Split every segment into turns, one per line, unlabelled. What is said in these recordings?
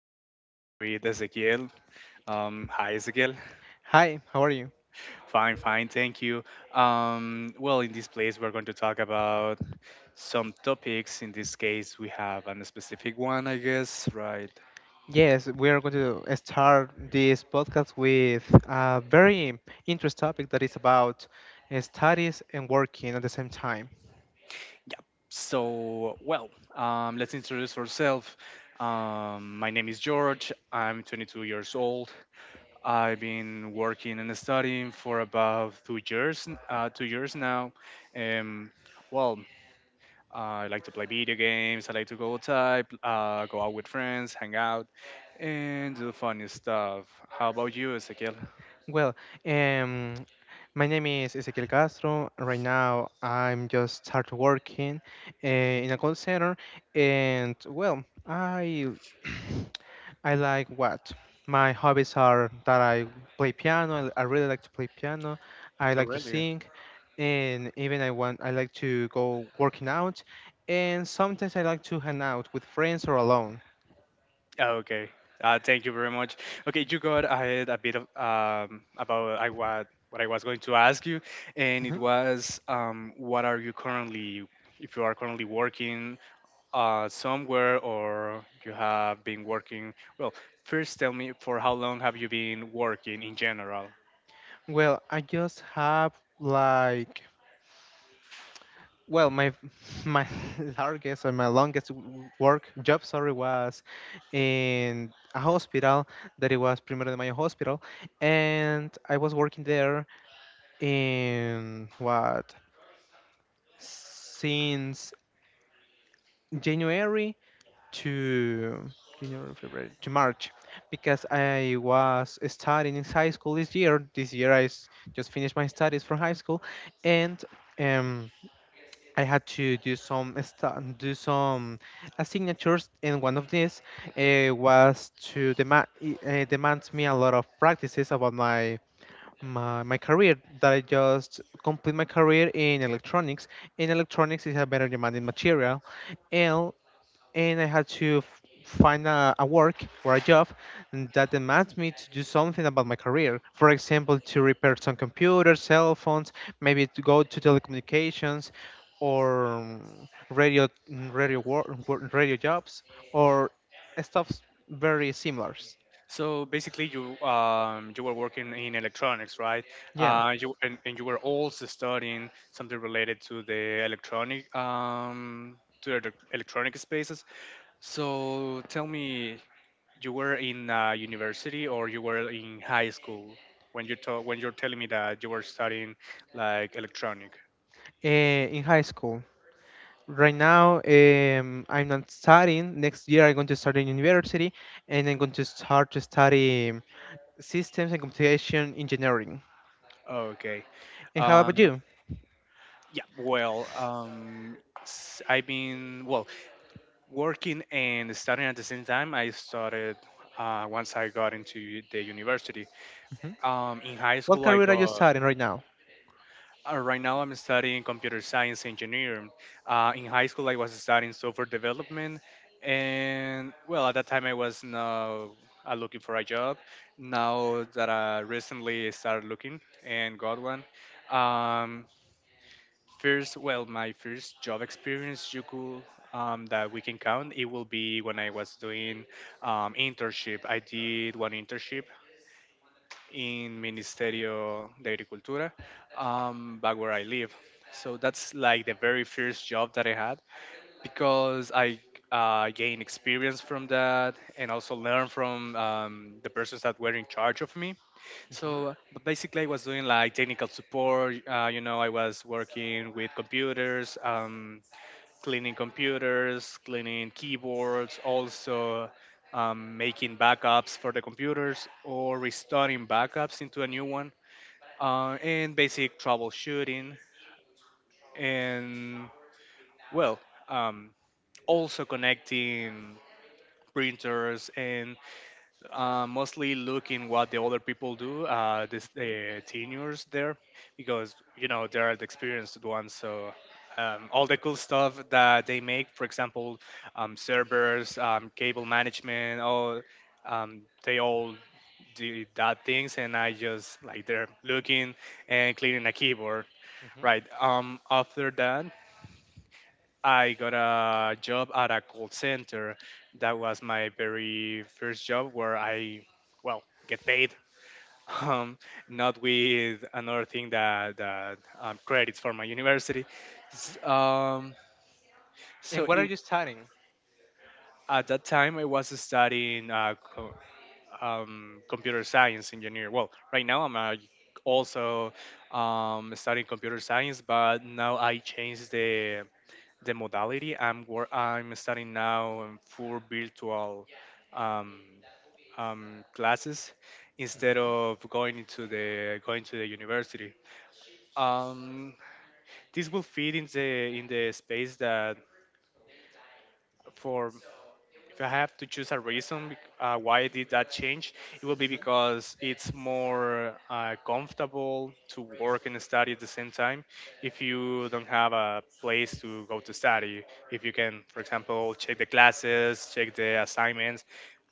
I'm here with Ezequiel. Hi, Ezequiel.
Hi, how are you?
Fine, fine, thank you. Well, in this place, we're going to talk about some topics. In this case, we have a specific one, I guess, right?
Yes, we are going to start this podcast with a very interesting topic that is about studies and working at the same time.
Yeah. So let's introduce ourselves. My name is George. I'm 22 years old. I've been working and studying for about 2 years now. Um, well, I like to play video games. I like to go outside, go out with friends, hang out, and do funny stuff. How about you, Ezequiel?
Well, um, my name is Ezequiel Castro. Right now, I'm just started working in a call center, and well, I I like what my hobbies are that I play piano. I really like to play piano. I
Oh,
like to
really?
sing. And even I like to go working out, and sometimes I like to hang out with friends or alone.
Okay. Thank you very much. Okay, you got ahead a bit of about I, what I was going to ask you, and it
hmm
was what are you currently, if you are currently working somewhere, or you have been working? Well, first tell me, for how long have you been working in general?
Well, I just have, like, well, my my largest, or my longest work job, sorry, was in a hospital that it was Primero de Mayo hospital, and I was working there in what since January to January, February, to March, because I was studying in high school this year. This year just finished my studies from high school, and um, I had to do some do some signatures, and one of these was to demands me a lot of practices about my. My career, that I just complete my career in electronics. In electronics is a better demanding material, and and I had to find a work or a job that demands me to do something about my career. For example, to repair some computers, cell phones, maybe to go to telecommunications, or radio jobs, or stuff very similar.
So basically, you were working in electronics, right?
Yeah,
And you were also studying something related to the electronic spaces. So tell me, you were in university, or you were in high school when you're telling me that you were studying like electronic?
in high school. Right now, I'm not studying. Next year, I'm going to start in university, and I'm going to start to study systems and computation engineering.
Okay.
And how about
Um,
you?
I've been, well, working and studying at the same time. I started once I got into the university.
Mhm.
In high
What
school, I
career are you
got,
studying right now?
Right now I'm studying computer science engineering. In high school, I was studying software development. And, well, at that time, I was not looking for a job. Now that I recently started looking and got one. Um, First, well, my first job experience you could that we can count, it will be when I was doing internship. I did one internship in Ministerio de Agricultura, back where I live. So that's like the very first job that I had, because I gained experience from that, and also learned from the persons that were in charge of me. So basically, I was doing like technical support. You know, I was working with computers, cleaning computers, cleaning keyboards, also making backups for the computers or restoring backups into a new one, and basic troubleshooting. And well, um, also connecting printers, and mostly look in what the other people do, the seniors there, because you know they are the experienced ones. So all the cool stuff that they make, for example, servers, cable management, all they all do that things, and I just like they're looking and cleaning a keyboard.
Mhm.
Right. After that, I got a job at a call center. That was my very first job where I, well, get paid. Um, Not with another thing that, credits for my university.
Mhm.
S- Um,
And
so
what are
it,
you studying?
at that time, I was studying computer science engineer. Well, right now I'm also studying computer science, but now I changed the modality. I'm studying now for virtual um, classes instead
Mhm.
of going to the university. Um, this will fit in the space that for if I have to choose a reason why I did that change. It will be because it's more comfortable to work and study at the same time. If you don't have a place to go to study, if you can, for example, check the classes, check the assignments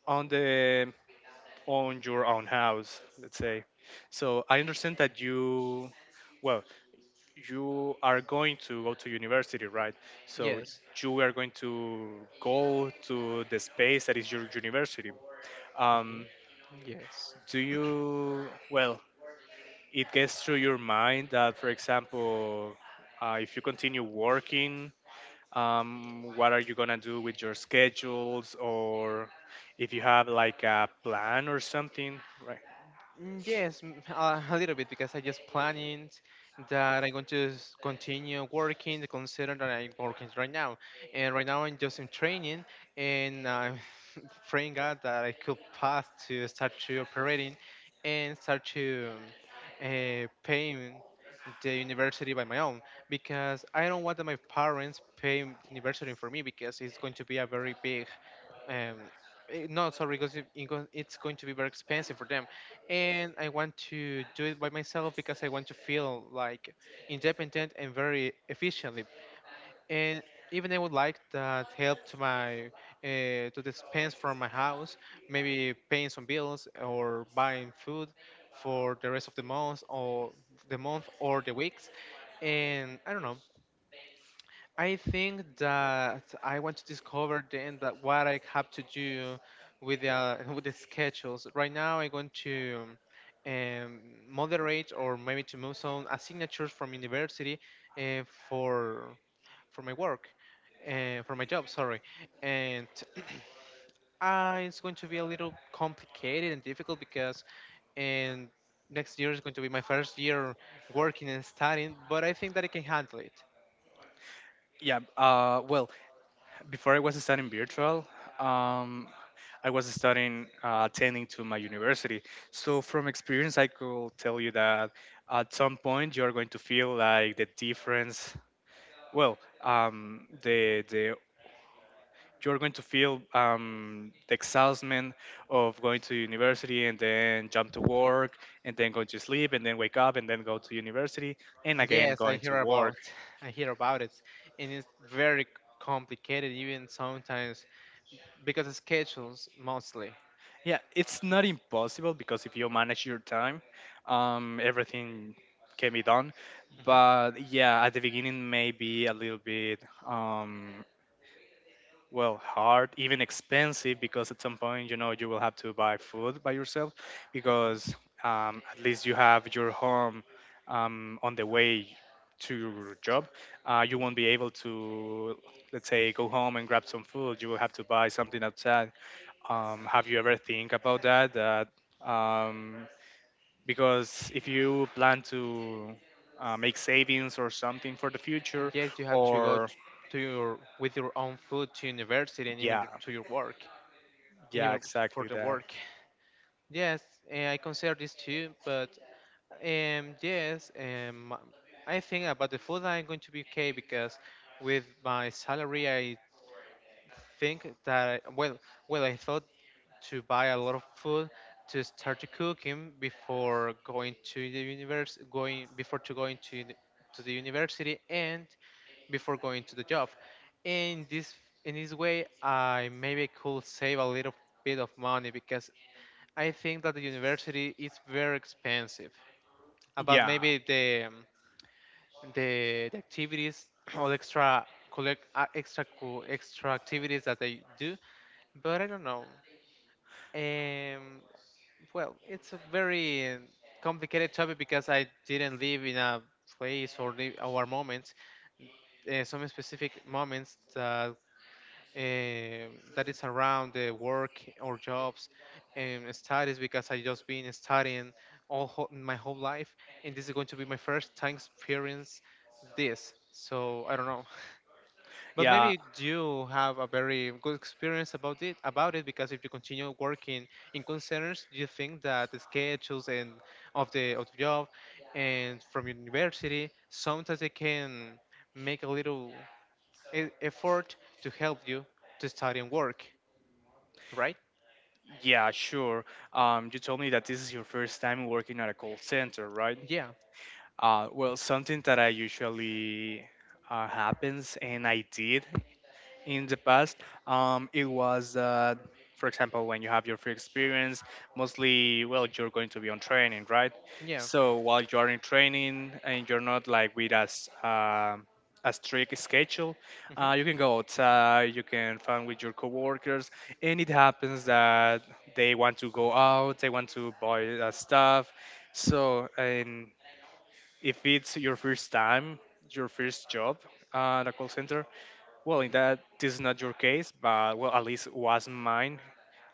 on the on your own house, let's say. So I understand that you, well, you are going to go to university, right? So
Yes.
you are going to go to the space that is your university.
Mhm.
Um,
Yes.
do you, well, it gets through your mind that, for example, if you continue working, what are you going to do with your schedules, or if you have like a plan or something, right?
Mm, yes, a little bit, because I just planning that I'm going to continue working the concern that I'm working right now. And right now I'm just in training, and I'm praying God that I could pass to start to operating, and start to paying the university by my own, because I don't want that my parents pay university for me, because it's going to be a very big um, no, sorry, because it's going to be very expensive for them, and I want to do it by myself because I want to feel like independent and very efficiently. And even I would like that help to my to dispense from my house, maybe paying some bills or buying food for the rest of the month, or the month, or the weeks. And I don't know. I think that I want to discover then that what I have to do with the with the schedules. Right now, I'm going to um, moderate, or maybe to move some signatures from university, uh, for for my work, for my job. Sorry. And it's going to be a little complicated and difficult, because and next year is going to be my first year working and studying. But I think that I can handle it.
Yeah, well, before I was studying virtual, um, I was studying, attending to my university. So from experience, I could tell you that at some point you're going to feel like the difference. Well, the you're going to feel the exhaustion of going to university and then jump to work and then go to sleep and then wake up and then go to university and again
Yes, I
going to
hear
work.
about, I hear about it, and it's very complicated even sometimes, because of schedules mostly.
Yeah, it's not impossible, because if you manage your time, everything can be done.
Mhm.
But yeah, at the beginning may be a little bit um, hard, even expensive, because at some point you know you will have to buy food by yourself.
Mhm.
Because at least you have your home on the way to your job. You
Mhm.
won't be able to, let's say, go home and grab some food. You will have to buy something outside. Have you ever think about that? Um, because if you plan to make savings or something for the future,
Yes, you have to
or
to your with your own food to university, and even
yeah,
to your work, and
yeah,
even for
exactly
the
that.
work. Yes, I consider this too, but yes, I think about the food I'm going to be okay, because with my salary I think that I, well, well, I thought to buy a lot of food, to start to cooking before going to the university, going before to going to to the university, and before going to the job. In this in this way, I maybe could save a little bit of money, because I think that the university is very expensive. About
Yeah,
maybe the the activities, or extra extra activities that they do, but I don't know. Um, well, it's a very complicated topic, because I didn't live in a place or live our moments, some specific moments that that is around the work, or jobs, and studies, because I just been studying all whole, my whole life, and this is going to be my first time experience this. So I don't know. But
yeah,
maybe you have a very good experience about it, because if you continue working in concerns, you think that the schedules, and of the job, and from university, sometimes they can make a little effort to help you to study and work, right?
yeah, sure. You told me that this is your first time working at a call center, right?
Yeah,
Well, something that I usually happens, and I did in the past. It was For example, when you have your free experience, mostly well, you're going to be on training, right?
yeah.
So while you are in training and you're not like with us a strict schedule,
hmm
you can go outside, you can fun with your coworkers, and it happens that they want to go out, they want to buy stuff. So and if it's your first time, your first job at a call center, well, in that, this is not your case, but well, at least was mine.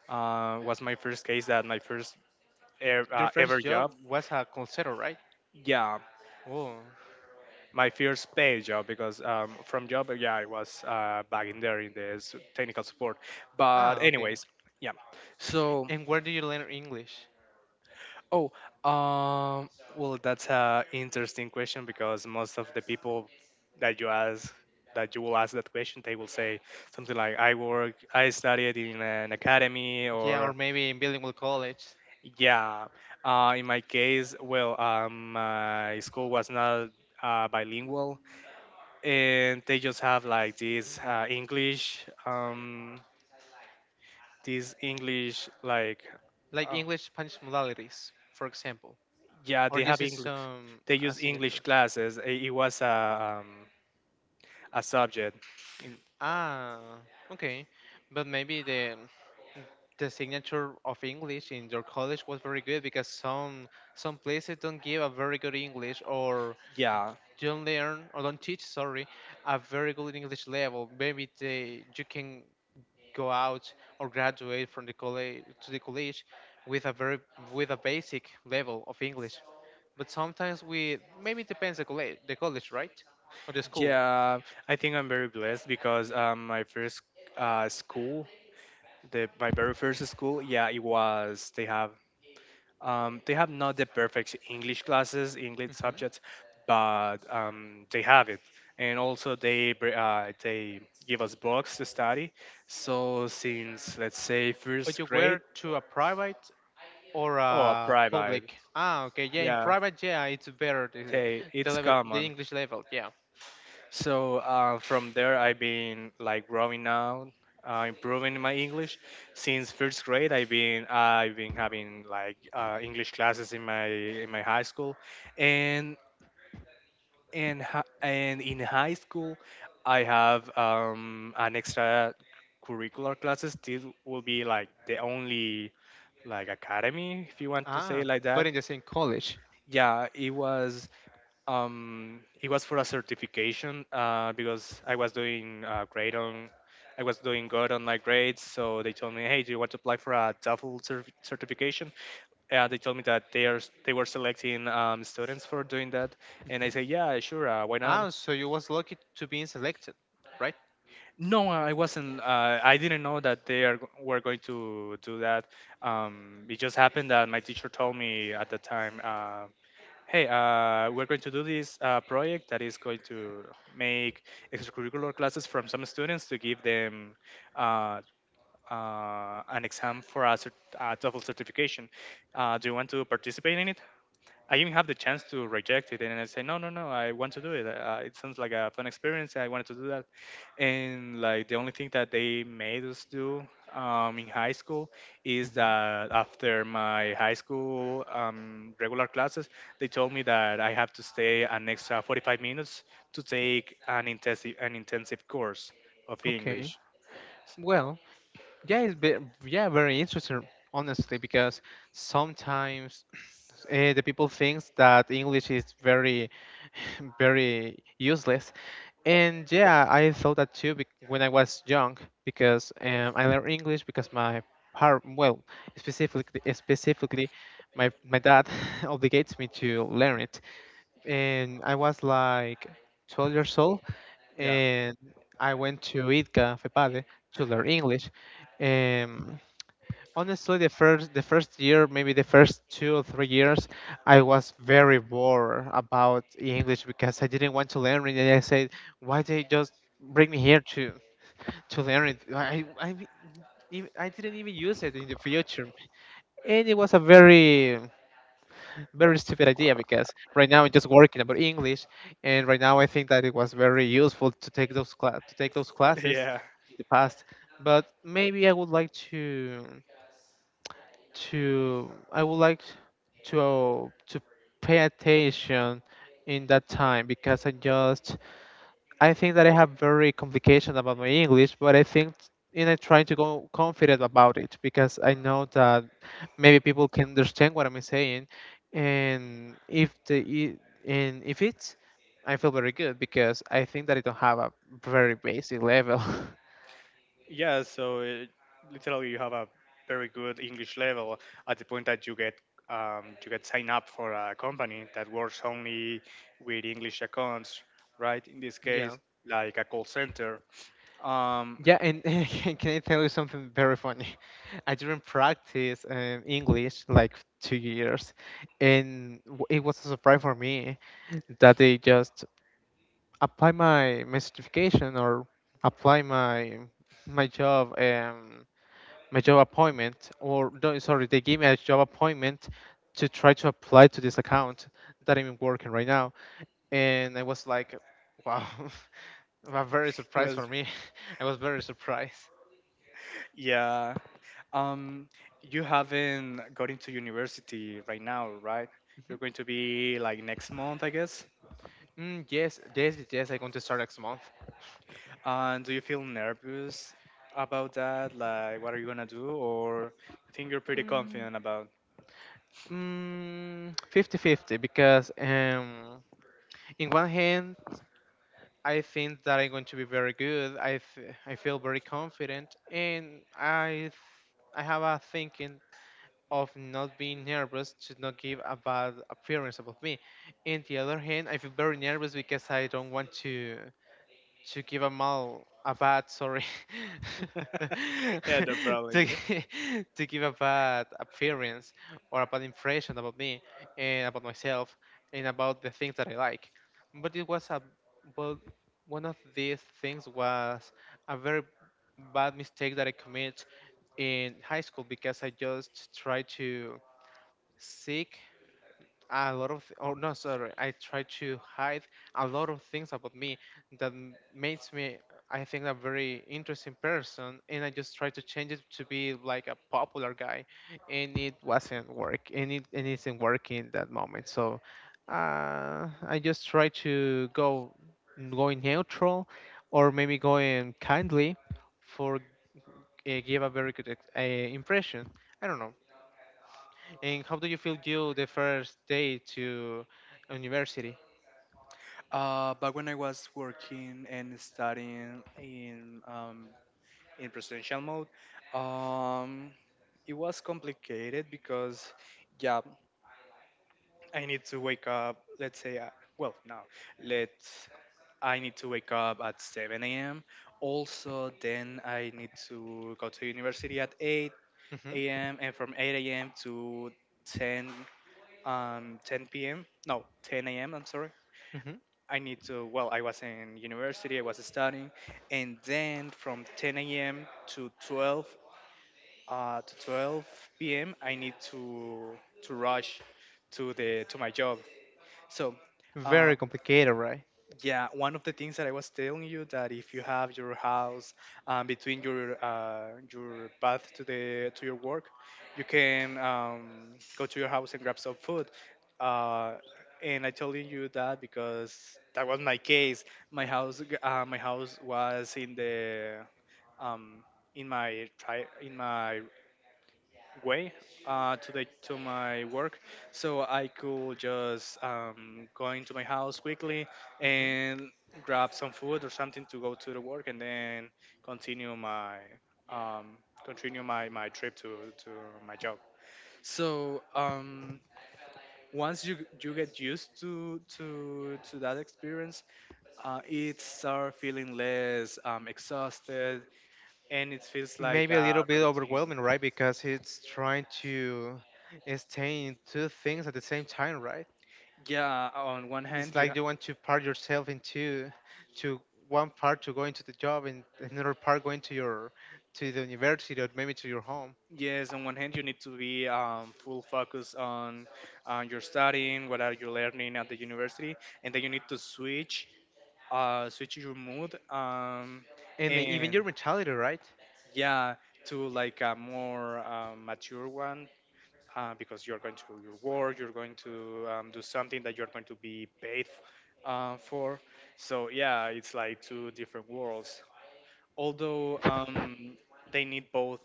Was my first case, that my first
Your
ever
first job
job.
was a call center, right?
Yeah,
Oh,
my first paid job. Because yeah, I was back in there in the technical support. But
ah, okay.
anyways, yeah. So,
And where do you learn English?
oh, um, well, that's a interesting question, because most of the people that you ask, that you will ask that question, they will say something like, "I work, I studied in an academy,"
Yeah, or
or
maybe in bilingual college.
yeah, in my case, well, my school was not bilingual, and they just have like this English, like,
Like
um,
English Spanish modalities, for example,
yeah,
or
they have
uses
English.
some
They use English
signatures.
classes. It was a subject. In,
Ah, okay, but maybe the signature of English in your college was very good, because some places don't give a very good English, or
yeah,
don't learn, or don't teach, sorry, a very good English level. Maybe they you can go out or graduate from the college to the college with a very with a basic level of English. But sometimes we maybe it depends the college, right, or the school.
yeah. I think I'm very blessed, because my first school, the my very first school, yeah, it was, they have, they have not the perfect English classes, English
hmm
subjects, but they have it. And also, they give us books to study. So since let's say
But
first
you wear
grade,
to a private or
oh, a
a
private,
public. Ah, okay, yeah. In
yeah,
private, yeah, it's better the,
they,
the
it's
level, the
common.
English level, yeah.
So from there, I've been like growing out, improving my English. Since first grade, I've been having like English classes in my high school, and in high school I have an extra curricular classes. This will be like the only, like, academy, if you want to say
Ah,
it like that.
but in the same college.
Yeah, it was, it was for a certification. Because I was doing grade on I was doing good on my grades, so they told me, "Hey, do you want to apply for a TOEFL certification?" And they told me that they were selecting students for doing that, and I said,
hmm
"Yeah, sure, why not?"
Ah, so you was lucky to being selected, right?
No, I wasn't. I didn't know that they were going to do that. It just happened that my teacher told me at the time, "Hey, we're going to do this project that is going to make extracurricular classes from some students, to give them uh, an exam for a, a TOEFL certification. Do you want to participate in it?" I even have the chance to reject it, and I say, no, no, no, I want to do it. It sounds like a fun experience. I wanted to do that, and like the only thing that they made us do in high school, is
hmm
that after my high school regular classes, they told me that I have to stay an extra 45 minutes to take an intensive course of
Okay.
English.
Well, yeah, it's be, yeah, very interesting, honestly, because sometimes the people thinks that English is very, very useless. And yeah, I thought that too when I was young, because I learned English because my par well, specifically my dad obligates me to learn it. And I was like 12 years old,
Yeah,
and I went to ITCA FEPADE to learn English. Um, Honestly, the first year, maybe the first 2 or 3 years, I was very bored about English, because I didn't want to learn it, and I said, why they just bring me here to learn it, I didn't even use it in the future, and it was a very, very stupid idea, because right now I'm just working about English, and right now I think that it was very useful to take those to take those classes
yeah.
in the past. But maybe I would like to pay attention in that time, because I think that I have very complication about my English, but I think and I trying to go confident about it, because I know that maybe people can understand what I'm saying, and if the i- and if it's, I feel very good, because I think that I don't have a very basic level.
Yeah, so it, literally you have a very good English level, at the point that you get signed up for a company that works only with English accounts, right? In this
Yeah.
case, like a call center. Um,
Yeah, and can I tell you something very funny? I didn't practice English like 2 years, and it was a surprise for me that they just apply my certification, or apply my job my job appointment, or no, sorry, they gave me a job appointment to try to apply to this account that I'm working right now, and I was like, wow. Was very surprised
well,
for me. I was very surprised.
yeah. Um, you haven't got into university right now, right? You're going to be like next month, I guess.
Mm, yes, yes, yes, yes, I'm going to start next month.
And do you feel nervous about that? Like, what are you gonna do, or you think you're pretty
Mm,
confident about?
50 fifty, because in one hand, I think that I'm going to be very good. I feel very confident, and I have a thinking of not being nervous, to not give a bad appearance about me. In the other hand, I feel very nervous because I don't want to. To give a bad, sorry,
Yeah, no problem,
to,
girl.
gi- to give a bad appearance, or a bad impression, about me, and about myself, and about the things that I like. But it was a well one of these things was a very bad mistake that I commit in high school, because I just tried to seek a lot of th- oh no sorry I try to hide a lot of things about me that makes me, I think, a very interesting person, and I just try to change it to be like a popular guy, and it wasn't work, and it isn't working in that moment, so I just try to go going neutral, or maybe going kindly, for give a very good impression. I don't know. And how do you feel you the first day to university?
But when I was working and studying in residential mode, um, it was complicated because, yeah, I need to wake up, let's say, well, no, let's, I need to wake up at 7 a.m. Also, then I need to go to university at
hmm
8 a.m., and from 8 a.m. to 10, 10 p.m. No, 10 a.m. I'm sorry.
hmm
I need to, well, I was in university, I was studying, and then from 10 a.m. to 12, to 12 p.m. I need to rush to the to my job. So, um,
Very complicated, right?
Yeah, one of the things that I was telling you, that if you have your house between your path to the to your work, you can go to your house and grab some food. Uh, and I told you that because that was my case. My house was in the um, in in my way to the to my work, so I could just go into my house quickly
hmm
and grab some food or something to go to the work, and then continue my um, continue my trip to my job. So um, Once you get used to that experience, it start feeling less exhausted, and it feels like
Maybe a little
a
bit
routine.
overwhelming, right? Because it's trying to stay in two things at the same time, right?
Yeah, on one
It's
hand you—
like you want to part yourself into to one part to go into the job and another part going to your to the university or maybe to your home.
yes, on one hand, you need to be full focus on your studying, what are you learning at the university, and then you need to switch, switch your mood, um,
And even
and
your mentality, right?
yeah, to like a more mature one, because you're going to your work, you're going to do something that you're going to be paid for. So yeah, it's like two different worlds. Although um, they need both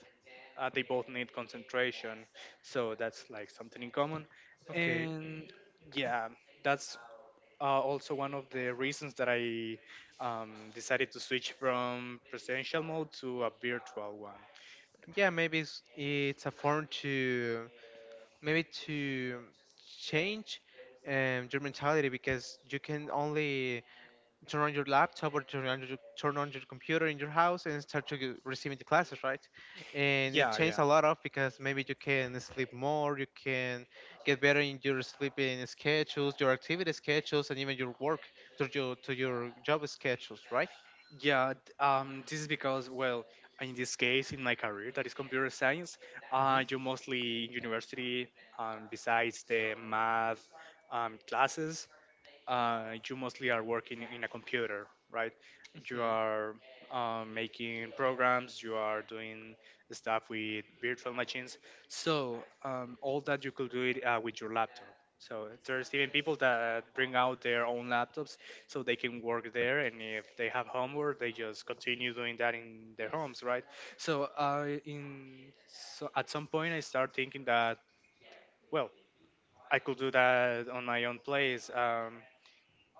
they both need concentration, so that's like something in common.
Okay.
And yeah, that's also one of the reasons that I decided to switch from presidential mode to a virtual one.
Yeah, maybe it's a form to maybe to change your mentality because you can only turn on your laptop or turn on your computer in your house and start to receiving the classes, right? And it
Yeah, yeah,
changed a lot of because maybe you can sleep more, you can get better in your sleeping schedules, your activity schedules, and even your work to your job schedules, right?
yeah. This is because, well, in this case, in my career, that is computer science,
Hmm.
you mostly in university, besides the math classes, you mostly are working in a computer, right? You
Hmm.
are making programs, you are doing stuff with virtual machines. All that you could do it with your laptop. So there's even people that bring out their own laptops so they can work there, and if they have homework, they just continue doing that in their homes, right? So at some point I start thinking that, well, I could do that on my own place.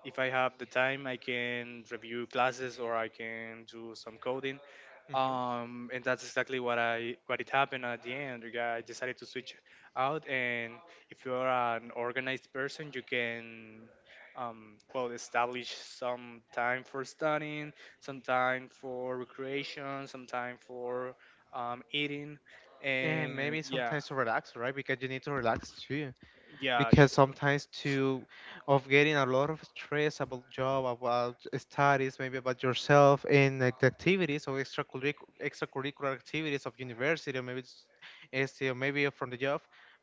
If I have the time, I can review classes or I can do some coding.
Hmm.
And that's exactly what I what it happened at the end. Like, I decided to switch out, and if you are an organized person, you can well establish some time for studying, some time for recreation, some time for eating,
And
and
maybe
yeah,
sometimes to relax, right? Because you need to relax too.
yeah,
Because sometimes too of getting a lot of stress about job, about studies, maybe about yourself, and like the activities or extracurricular activities of university, or maybe it's maybe from the job.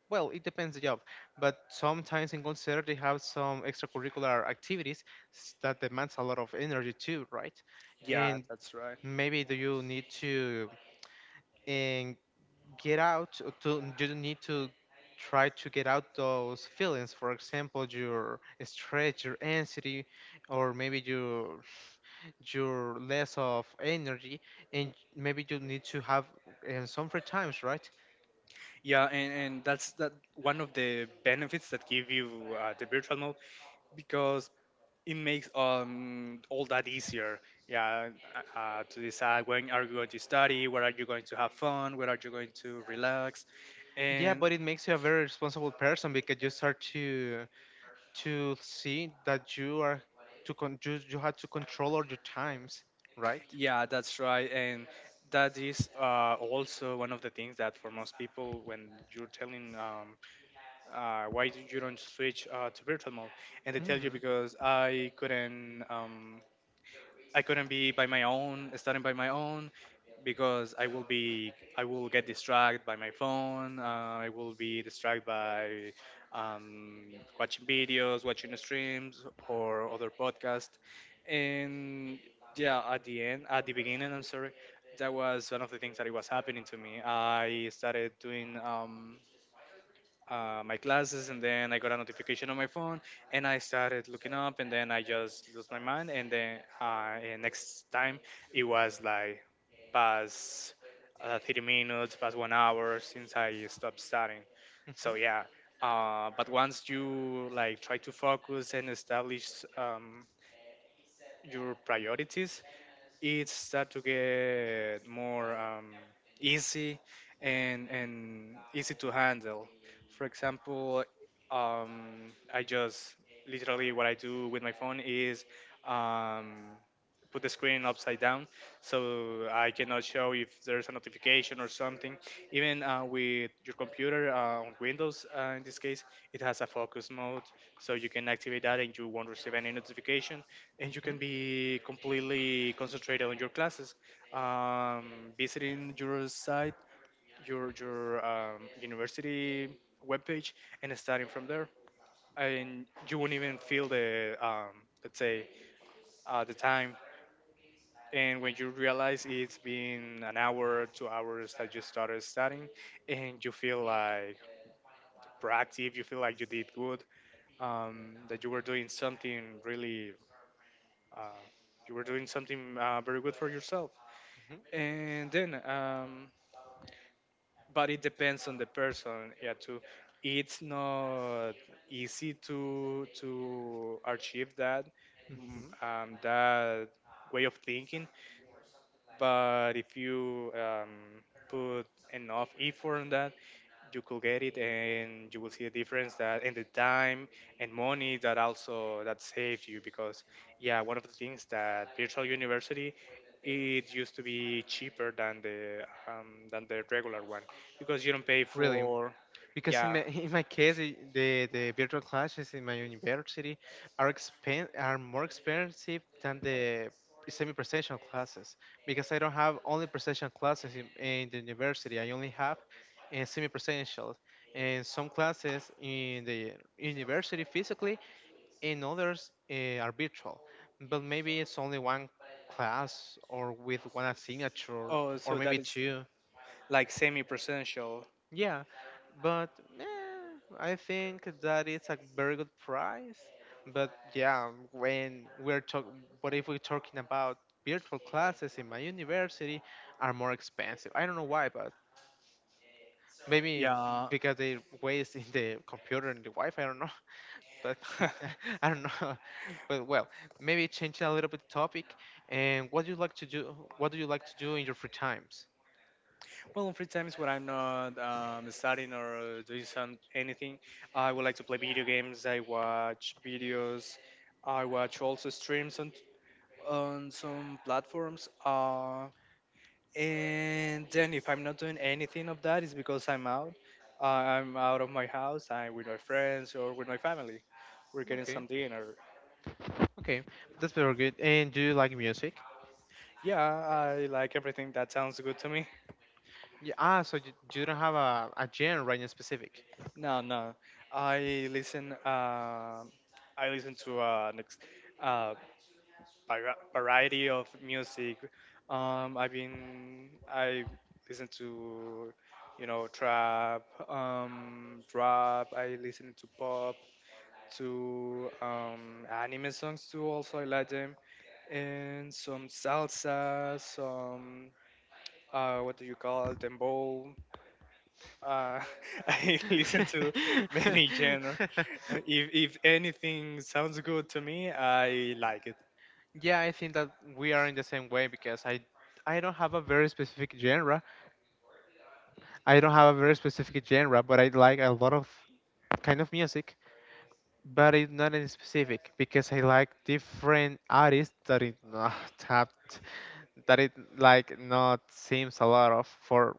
Well, it depends the job, but sometimes in concert they have some extracurricular activities that demands a lot of energy too, right?
yeah,
And
that's right.
maybe do you need to get out to, you don't need to try to get out those feelings, for example your stress, your anxiety, or maybe your less of energy, and maybe you need to have some free times, right?
And that's that one of the benefits that give you the virtual mode, because it makes all that easier. Yeah, to decide when are you going to study, where are you going to have fun, where are you going to relax,
Yeah,
and
but it makes you a very responsible person because you start to see that you are you have to control all your times, right?
yeah, that's right. And that is also one of the things that for most people, when you're telling why do you don't switch to virtual mode, and they tell you
Mm-hmm.
because I couldn't. I couldn't be by my own, studying by my own, because I will get distracted by my phone. I will be distracted by um, watching videos, watching streams or other podcasts. And yeah, at the end, at the beginning, I'm sorry, that was one of the things that it was happening to me. I started doing. My classes, and then I got a notification on my phone, and I started looking up, and then I just lost my mind, and then and next time it was like past 30 minutes, past 1 hour since I stopped studying. So
Mm-hmm.
yeah, but once you like try to focus and establish um, your priorities, it start to get more easy and easy to handle. For example, I just literally what I do with my phone is um, put the screen upside down so I cannot show if there's a notification or something. Even with your computer on Windows, in this case, it has a focus mode, so you can activate that and you won't receive any notification, and you
Mm-hmm.
can be completely concentrated on your classes. Visiting your site, your university webpage, and starting from there, and you won't even feel the let's say the time. And when you realize it's been an hour, 2 hours that you started studying, and you feel like proactive, you feel like you did good, that you were doing something really, uh, you were doing something very good for yourself.
Mm-hmm.
And then, but it depends on the person. Yeah, too. It's not easy to achieve that
Mm-hmm.
that way of thinking. But if you put enough effort on that, you could get it, and you will see a difference that in the time and money that also that saved you. Because yeah, one of the things that virtual university, it used to be cheaper than the regular one, because you don't pay
Really?
for—
Because in
Yeah.
my in my case, the virtual classes in my university are more expensive than the semi-presential classes, because I don't have only presential classes in the university. I only have semi-presential and some classes in the university physically, and others are virtual. But maybe it's only one class or with one signature,
Oh,
or
so that
maybe
is
two.
like semi presential.
Yeah, but eh, I think that it's a very good price. But yeah, when we're talking, but if we're talking about virtual classes in my university, are more expensive. I don't know why, but maybe
Yeah.
because they waste in the computer and the Wi-Fi. I don't know, but I don't know. But well, maybe change a little bit topic. And what do you like to do? What do you like to do in your free times?
Well, in free times when I'm not studying or doing anything, I would like to play video games. I watch videos. I watch also streams on some platforms. And then if I'm not doing anything of that, it's because I'm out. Uh, I'm out of my house. I'm with my friends or with my family. We're getting
Okay,
some dinner.
okay, that's very good. And do you like music?
Yeah, I like everything that sounds good to me.
Yeah, ah, so you don't have a genre right in specific.
No, no, I listen. I listen to uh, variety of music. I listen to, you know, trap, rap. I listen to pop, to anime songs too. Also, I like them, and some salsa, some what do you call it, dembow. Uh, I listen to many genre. If anything sounds good to me, I like it.
Yeah, I think that we are in the same way, because I don't have a very specific genre. I don't have a very specific genre, but I like a lot of kind of music, but it's not in specific because I like different artists that is not tapped. That it like not seems a lot of for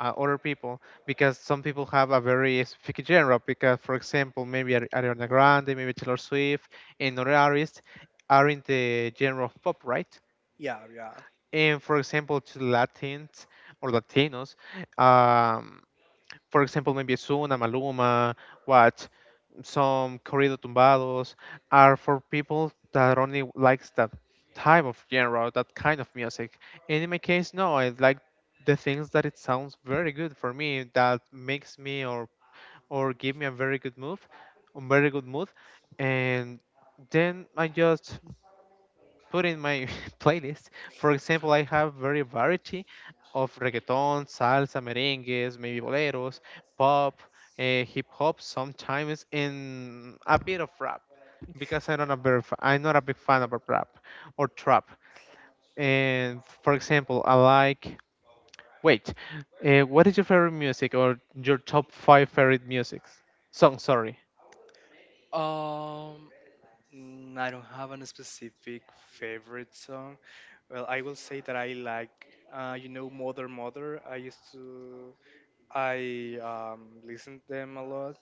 other people, because some people have a very specific genre, because for example, maybe Ariana Grande, maybe Taylor Swift and other artists are in the genre of pop, right?
Yeah, yeah.
And for example, to Latins or Latinos, um, for example, maybe Ozuna, Maluma, what, some corrido tumbados are for people that only likes that type of genre, that kind of music. And in my case, no, I like the things that it sounds very good for me, that makes me or give me a very good move, a very good mood, and then I just put in my playlist. For example, I have very variety of reggaeton, salsa, merengues, maybe boleros, pop, hip hop sometimes, and a bit of rap, because I'm not a very I'm not a big fan of rap or trap. And for example, I like, wait, what is your favorite music or your top five favorite music songs? Sorry.
Um, Mm, I don't have a specific favorite song. Well, I will say that I like, you know, Mother Mother. I listen to them a lot.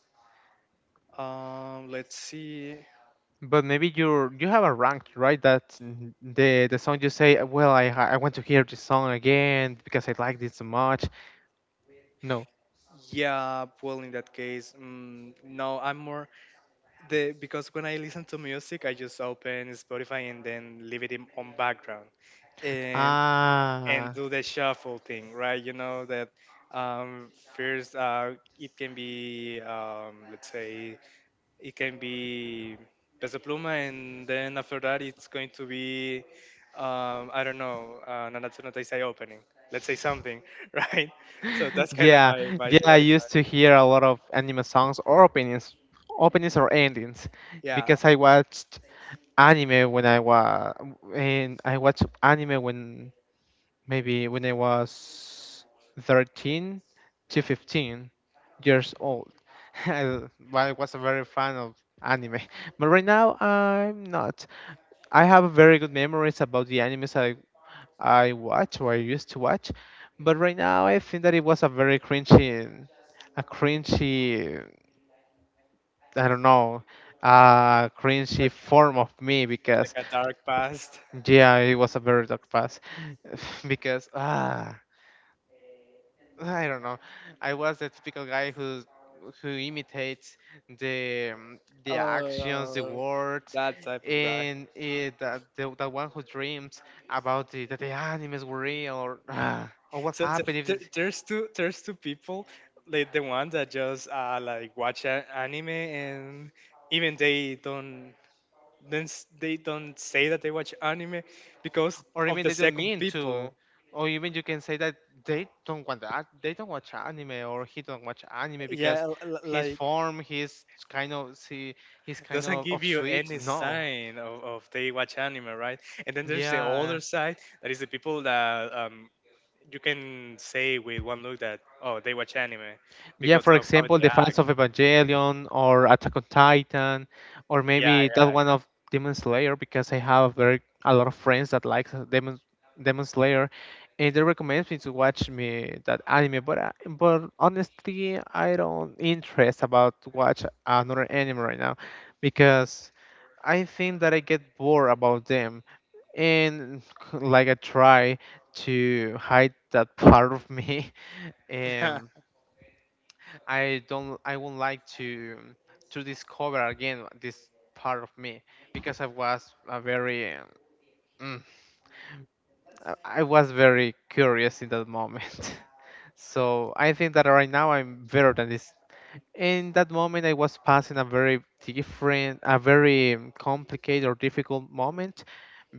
Let's see.
But maybe you have a rank, right? That the song you say, well, I want to hear this song again because I like it so much. No.
Yeah, well, in that case, mm, no, I'm more the— because when I listen to music, I just open Spotify and then leave it on background, and
Ah,
do the shuffle thing, right? You know that first it can be let's say it can be Peso Pluma, and then after that it's going to be I don't know, Nanatsu no Taisai opening. Let's say something, right? So that's kind of
yeah,
my
yeah. I used
Spotify.
to hear a lot of anime songs or openings, openings or endings,
Yeah,
because I watched anime when I was, and I watched anime when maybe when I was 13 to 15 years old. Well, I was a very fan of anime, but right now I'm not. I have very good memories about the animes I watch or I used to watch, but right now I think that it was a very cringy, a cringy, I don't know, a cringy form of me because
like a dark past.
yeah, it was a very dark past because I don't know. I was the typical guy who imitates the actions, the
Oh,
words,
that type of guy.
and the one who dreams about that the animes were real or or what
So, so
happened if
there,
this,
there's two people, like the one that just like watch anime and even they don't— they don't say that they watch anime, because—
or
of
even
the
they don't
second
mean to,
people.
or even you can say that they don't want that they don't watch anime or he don't watch anime
Yeah,
because his
like
form, he's kind of see, he's kind
doesn't
of
give
of
you
sweet.
any
No,
sign of they watch anime, right? And then there's the
yeah.
other side that is the people that you can say with one look that, oh, they watch anime,
Yeah,
because
for
of how
example,
they
the
act.
fans of Evangelion or Attack on Titan, or
Yeah,
maybe that
yeah,
one of Demon Slayer, because I have very a lot of friends that like Demon Slayer, and they recommend me to watch me that anime. But honestly, I don't interest about to watch another anime right now, because I think that I get bored about them, and like I try to hide that part of me.
yeah.
Um, I don't I would like to discover again this part of me, because I was a very mm, I was very curious in that moment. So I think that right now I'm better than this. In that moment, I was passing a very different, a very complicated or difficult moment,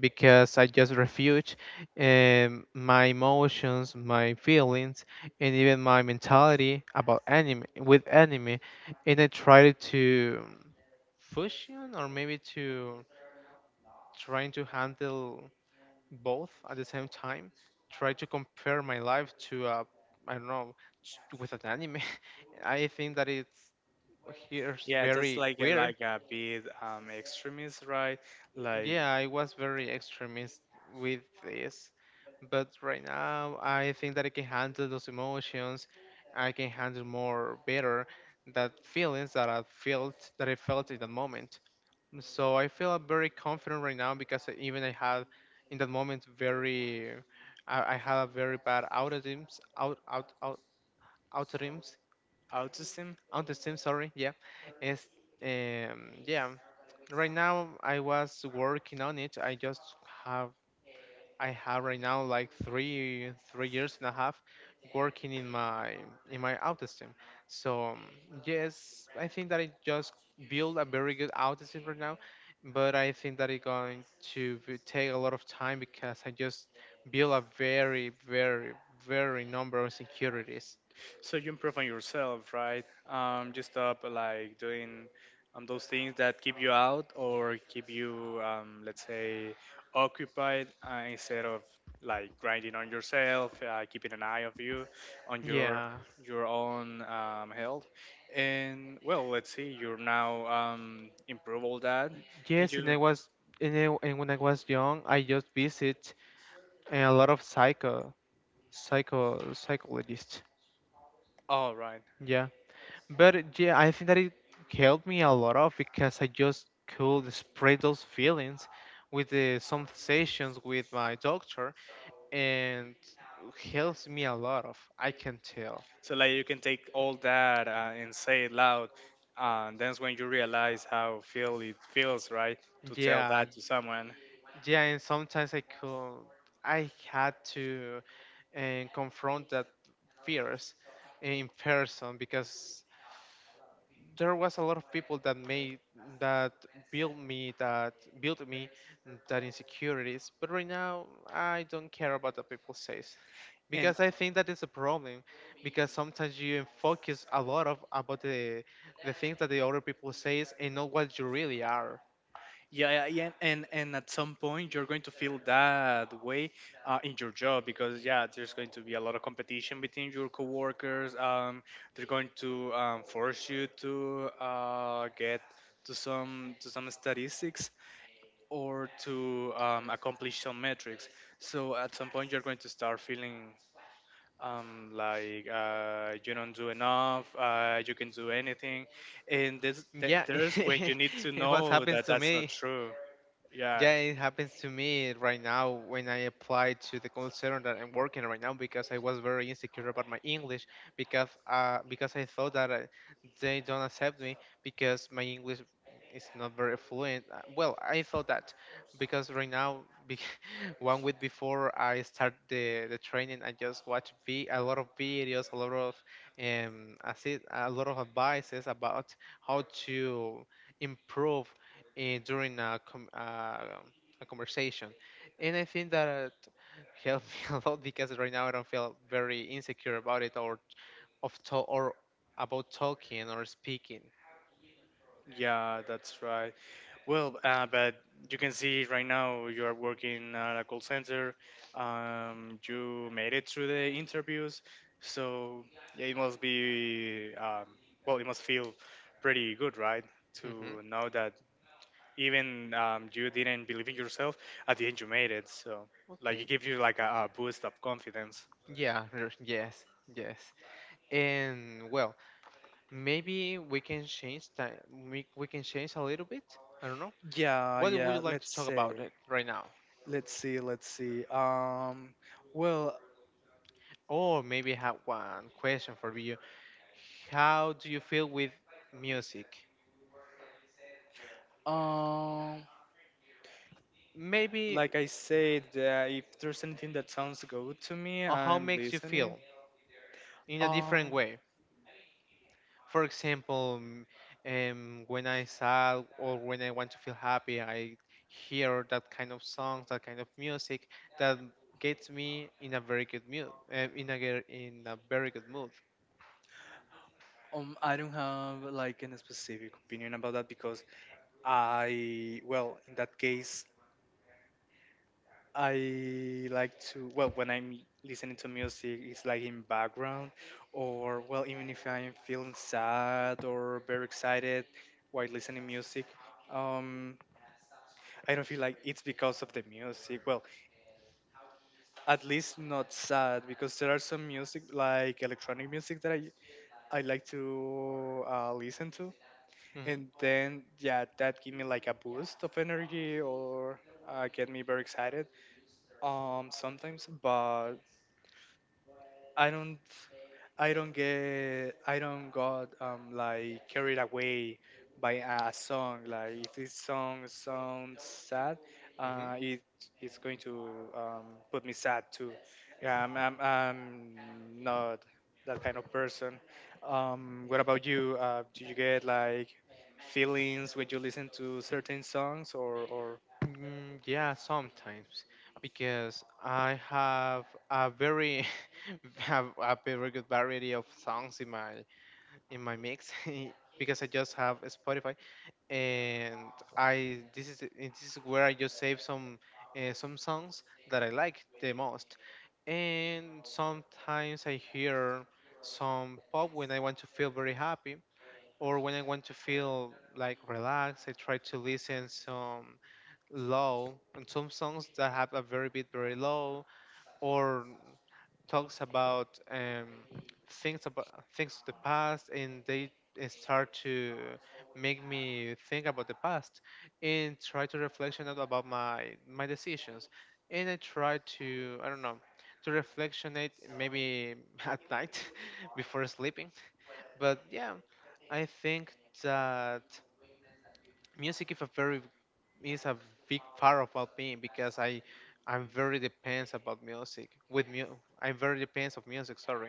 because I just refused my emotions, my feelings, and even my mentality about anime with anime, and I tried to fusion or maybe to trying to handle both at the same time, try to compare my life to a, I don't know, with an anime. I think that it's, here's
Yeah, that's
very
like a—
weird.
like a bit extremist, right? Like
Yeah, I was very extremist with this, but right now I think that I can handle those emotions. I can handle more better that feelings that I felt in that moment. So I feel very confident right now because even I had in that moment very, I had a very bad autodims out out out autodims,
autism.
autodims, sorry, yeah. It's yeah, right now I was working on it. Have I have right now like three years and a half working in my autism. So yes, I think that I just build a very good autism right now, but I think that it's going take a lot of time, because I just build a very number of insecurities.
So you improve on yourself, right? You stop like doing those things that keep you out or keep you let's say occupied instead of like grinding on yourself, keeping an eye of you on your
Yeah.
own health. And well, let's see, you're now improve all that, and
Yes, and
you.
I was, and when I was young, I just visit a lot of psycho, psychologist.
All right.
Yeah, but yeah, I think that it helped me a lot of, because I just could express those feelings with some sessions with my doctor, and helps me a lot of. I can tell.
So like you can take all that and say it loud, and that's when you realize how feel it feels, right? To tell
Yeah,
that to someone.
yeah, and sometimes I could, I had to, and confront that fears in person, because there was a lot of people that made that built me that built me that insecurities, but right now I don't care about what people says,
And
because I think that is a problem, because sometimes you focus a lot of about the things that the other people says, and not what you really are.
yeah, yeah, yeah, and at some point you're going to feel that way in your job because yeah, there's going to be a lot of competition between your coworkers. They're going to force you to get to some statistics or to accomplish some metrics. So at some point you're going to start feeling like you don't do enough, you can do anything, and there's th-
Yeah.
there's when you need to
It what
know
happens
that
to
that's not
me.
true. Yeah,
Yeah, it happens to me right now when I apply to the call center that I'm working right now, because I was very insecure about my English, because I thought that they don't accept me because my English is not very fluent. Well, I thought that, because right now, one week before I start the training, I just watch a lot of videos, a lot of I see a lot of advices about how to improve, during a, a conversation. And I think that helped me a lot, because right now I don't feel very insecure about it, or about talking or speaking.
yeah, that's right. Well, but you can see right now you are working at a call center. You made it through the interviews, so yeah, it must be well, it must feel pretty good, right?
Hmm.
To know that even you didn't believe in yourself, at the end you made it, so like it
Okay.
gives you like a boost of confidence.
Yeah. Yes. Yes. And well, maybe we can change that. We can change a little bit. I don't know.
Yeah,
What would you
yeah.
like to
Let's
talk about
say,
it right now?
let's see. Well,
Or maybe I have one question for you. How do you feel with music?
um,
Maybe,
like I said, if there's anything that sounds good to me,
or how
I'm
makes you
listening.
feel in a
Um,
different way. For example, when I sad or when I want to feel happy, I hear that kind of songs, that kind of music that gets me in a very good mood, in a very good mood.
I don't have like any specific opinion about that because I, well, in that case, I like to, well, when I'm listening to music, it's like in background, or well, even if I'm feeling sad or very excited while listening music, um, I don't feel like it's because of the music. Well, at least not sad, because there are some music like electronic music that I like to listen to, and
Hmm.
then yeah, that give me like a boost of energy or get me very excited sometimes, but I don't. I don't got like carried away by a song. Like if this song sounds sad, uh,
Hmm.
it it's going to um, put me sad too. Yeah, I'm not that kind of person. What about you? Do you get like feelings when you listen to certain songs or?
Mm, yeah, sometimes because I have a very have a very good variety of songs in my mix because I just have Spotify and I this is and this is where I just save some songs that I like the most. And sometimes I hear some pop when I want to feel very happy, or when I want to feel like relaxed. I try to listen some low and some songs that have a very low, or talks about things about things of the past, and they start to make me think about the past and try to reflection out about my decisions. And I try to, I don't know, to reflection it maybe at night before sleeping. But yeah, I think that music is a big part about me because I I'm very depends about music with mu I'm very depends of music, sorry,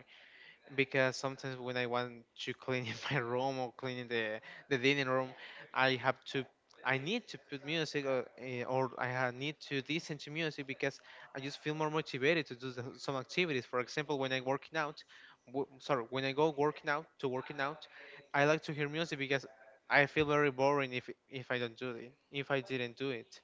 because sometimes when I want to clean in my room or clean in the dining room, I have to I need to put music, or need to listen to music because I just feel more motivated to do some activities. For example, when I go working out, I like to hear music because I feel very boring if I didn't do it.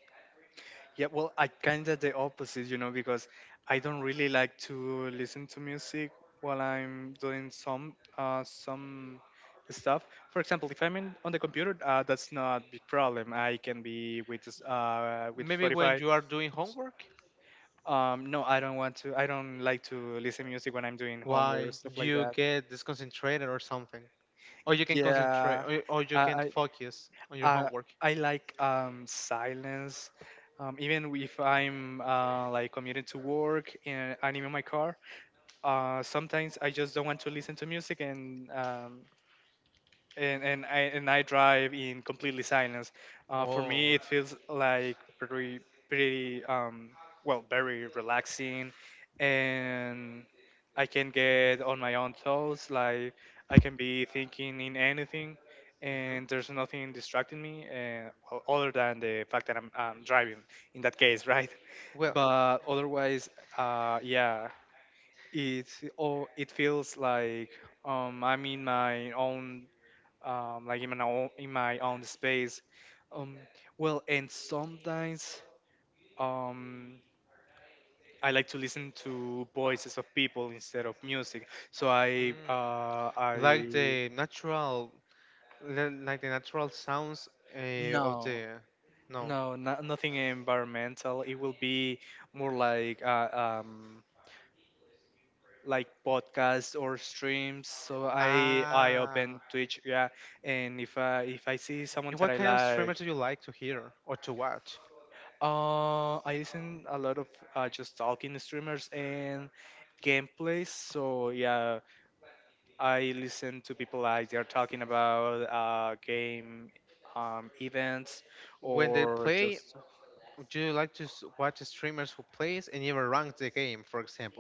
Yeah, well, I kind of the opposite, you know, because I don't really like to listen to music while I'm doing some stuff. For example, if I'm on the computer, that's not a big problem. I can be with with
Maybe when
Spotify.
you are doing homework,
No, I don't want to. I don't like to listen music when I'm doing homework
why
or stuff like
you
that.
get disconcentrated or something. Or you can concentrate,
Yeah,
or you
I
can
I
focus on your
uh,
homework.
I like silence. Even if I'm like commuting to work and I'm in my car, sometimes I just don't want to listen to music, and I drive in completely silence. For
Oh.
me, it feels like pretty well very relaxing, and I can get on my own thoughts. Like I can be thinking in anything,
Hmm.
and there's nothing distracting me, and well, other than the fact that I'm driving in that case, right?
Well, it-
But otherwise, yeah. It oh it feels like I'm in my own like in my own space. Um well, and sometimes um I like to listen to voices of people instead of music. So I
mm,
uh
like
I
the natural, like the natural sounds uh, of
no,
the, no.
no, no, nothing environmental. It will be more um like podcasts or streams. So I
Ah,
open Twitch, yeah, and if I see
and
someone
what
that I
kind of streamers
like,
do you like to hear or to watch?
I listen a lot of just talking streamers and gameplays. So yeah, I listen to people like they're talking about game events
When they
or
play,
just
do you like to watch streamers who plays and even rank the game, for example?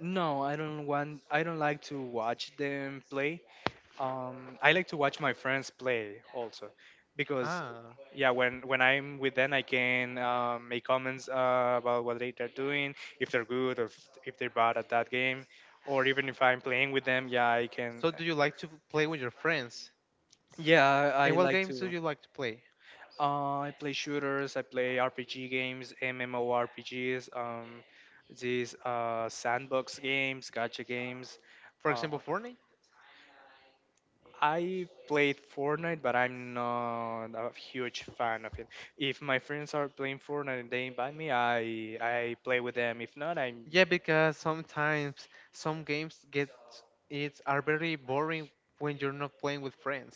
no, I don't like to watch them play. I like to watch my friends play also, because
Ah,
yeah, when I'm with them, I can make comments about what they're doing, if they're good or if they're bad at that game, or even if I'm playing with them, yeah, I can.
so do you like to play with your friends?
Yeah,
And
I
what
like
games do
to.
you like to play?
I play shooters. I play RPG games, MMORPGs, these sandbox games, gacha games.
For
Uh,
example, Fortnite?
I played Fortnite, but I'm not a huge fan of it. If my friends are playing Fortnite and they invite me, I play with them. If not, I'm
Yeah, because sometimes some games get it are very boring when you're not playing with friends.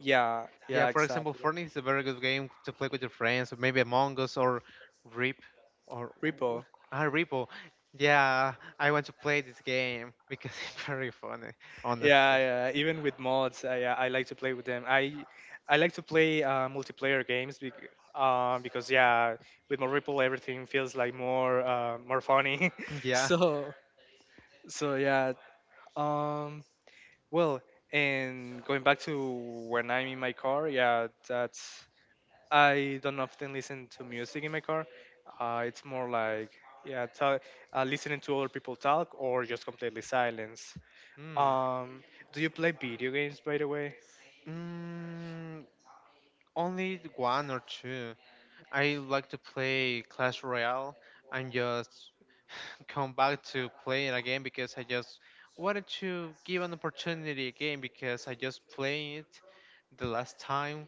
yeah,
Yeah,
yeah,
for example,
exactly.
Fortnite is a very good game to play with your friends, or maybe Among Us or Rip or what?
Repo.
Ah, Ripple. Yeah, I want to play this game because it's very funny, honest.
Yeah, yeah. Even with mods, I like to play with them. I like to play multiplayer games because yeah, with more Ripple, everything feels like more more funny.
Yeah.
so so yeah. Um, well, and going back to when I'm in my car, yeah, that's I don't often listen to music in my car. It's more like yeah, listening to other people talk or just completely silence.
Mm.
Um, do you play video games by the way?
Mm, only one or two. I like to play Clash Royale and just come back to playing again because I just wanted to give an opportunity again because I just played it the last time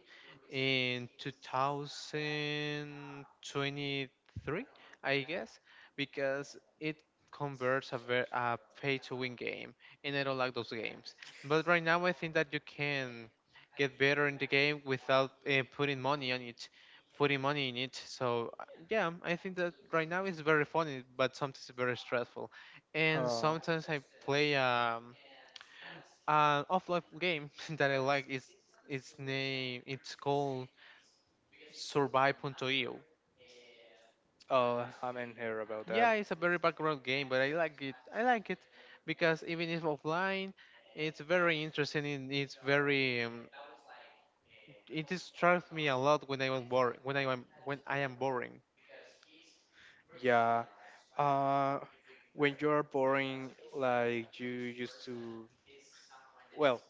in 2023, I guess, because it converts a pay-to-win game, and I don't like those games. But right now, I think that you can get better in the game without putting money in it. So yeah, I think that right now it's very funny, but sometimes it's very stressful. And
Uh,
sometimes I play an offline game that I like. It's its name it's called Survive.io.
oh, I haven't heard about
Yeah,
that.
it's a very background game, but I like it. I like it because even if offline, it's very interesting. And It's very It distracts me a lot when I am boring.
Yeah. Uh, when you're boring, like you used to, well,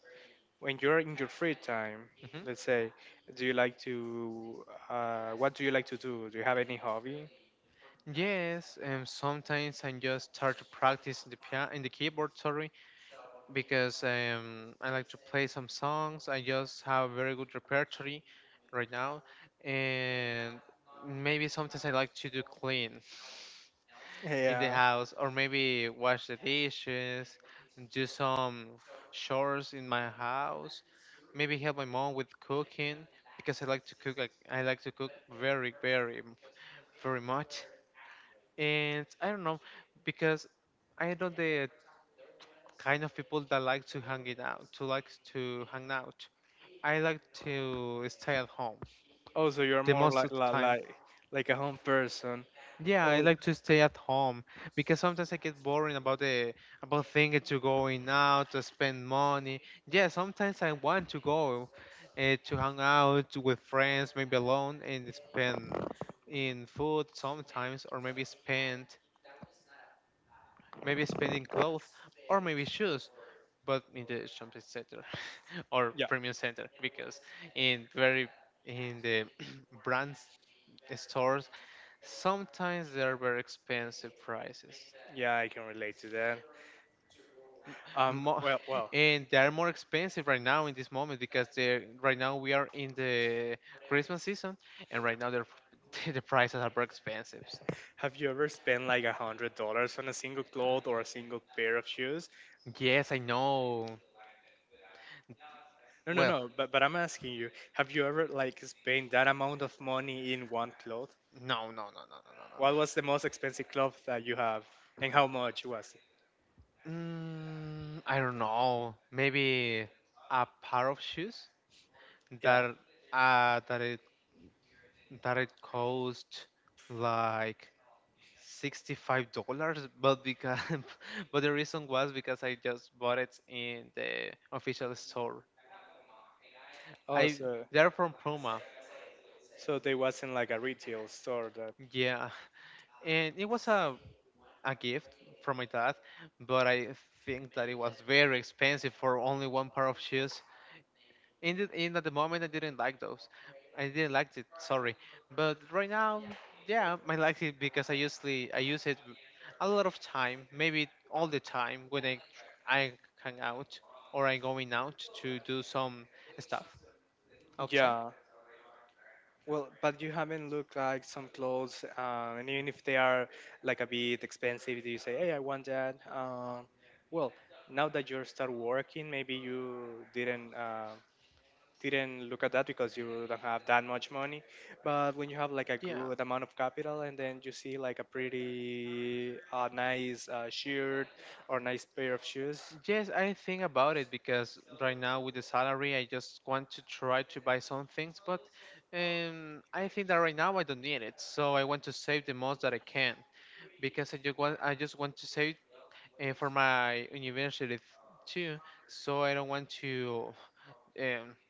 when you're in your free time,
Mm-hmm.
let's say, do you like to, what do you like to do? Do you have any hobby?
Yes, sometimes I just start to practice in the keyboard, sorry, because I like to play some songs. I just have a very good repertory right now, and maybe sometimes I like to do clean in the
Yeah.
house, or maybe wash the dishes, do some chores in my house, maybe help my mom with cooking because I like to cook. Like I like to cook very, very, very much, and I don't know, because I know the kind of people that like to hang out. I like to stay at home
Also,
the
you're more
most of the
like
time.
like a home person.
Yeah, I
Oh,
like to stay at home because sometimes I get boring about the about thinking to going out to spend money. Yeah, sometimes I want to go to hang out with friends, maybe alone, and spend in food sometimes, or maybe spending clothes or maybe shoes, but in the shopping center or
yeah,
premium center because in very in the brands stores sometimes they are very expensive prices.
yeah, I can relate to that.
Mo-
Well,
and they are more expensive right now in this moment because they right now we are in the christmas season, and right now they're, the prices are very expensive.
have you ever spent like $100 on a single cloth or a single pair of shoes?
Yes, I know.
No, no,
Well.
no. But I'm asking you, have you ever like spent that amount of money in one cloth?
No, no.
What was the most expensive cloth that you have, and how much was?
Mm, I don't know. Maybe a pair of shoes
Yeah.
that uh that it that it cost like $65, but because but the reason was because I just bought it in the official store.
Oh,
I
so
They're from Puma,
so they wasn't like a retail store that.
yeah, and it was a gift from my dad, but I think that it was very expensive for only one pair of shoes. In the, in At the moment I didn't like those. I didn't like it. Sorry, but right now, yeah, I like it because I use it a lot of time, maybe all the time when I hang out or I'm going out to do some stuff outside.
Yeah. Well, but you haven't looked like some clothes, and even if they are like a bit expensive, do you say, "Hey, I want that." Well, now that you start working, maybe you didn't look at that because you don't have that much money. But when you have like a
Yeah,
good amount of capital, and then you see like a pretty nice shirt or nice pair of shoes,
yes, I think about it because right now with the salary, I just want to try to buy some things, but I think that right now I don't need it, so I want to save the most that I can, because I just want to save, and for my university too. So I don't want to um,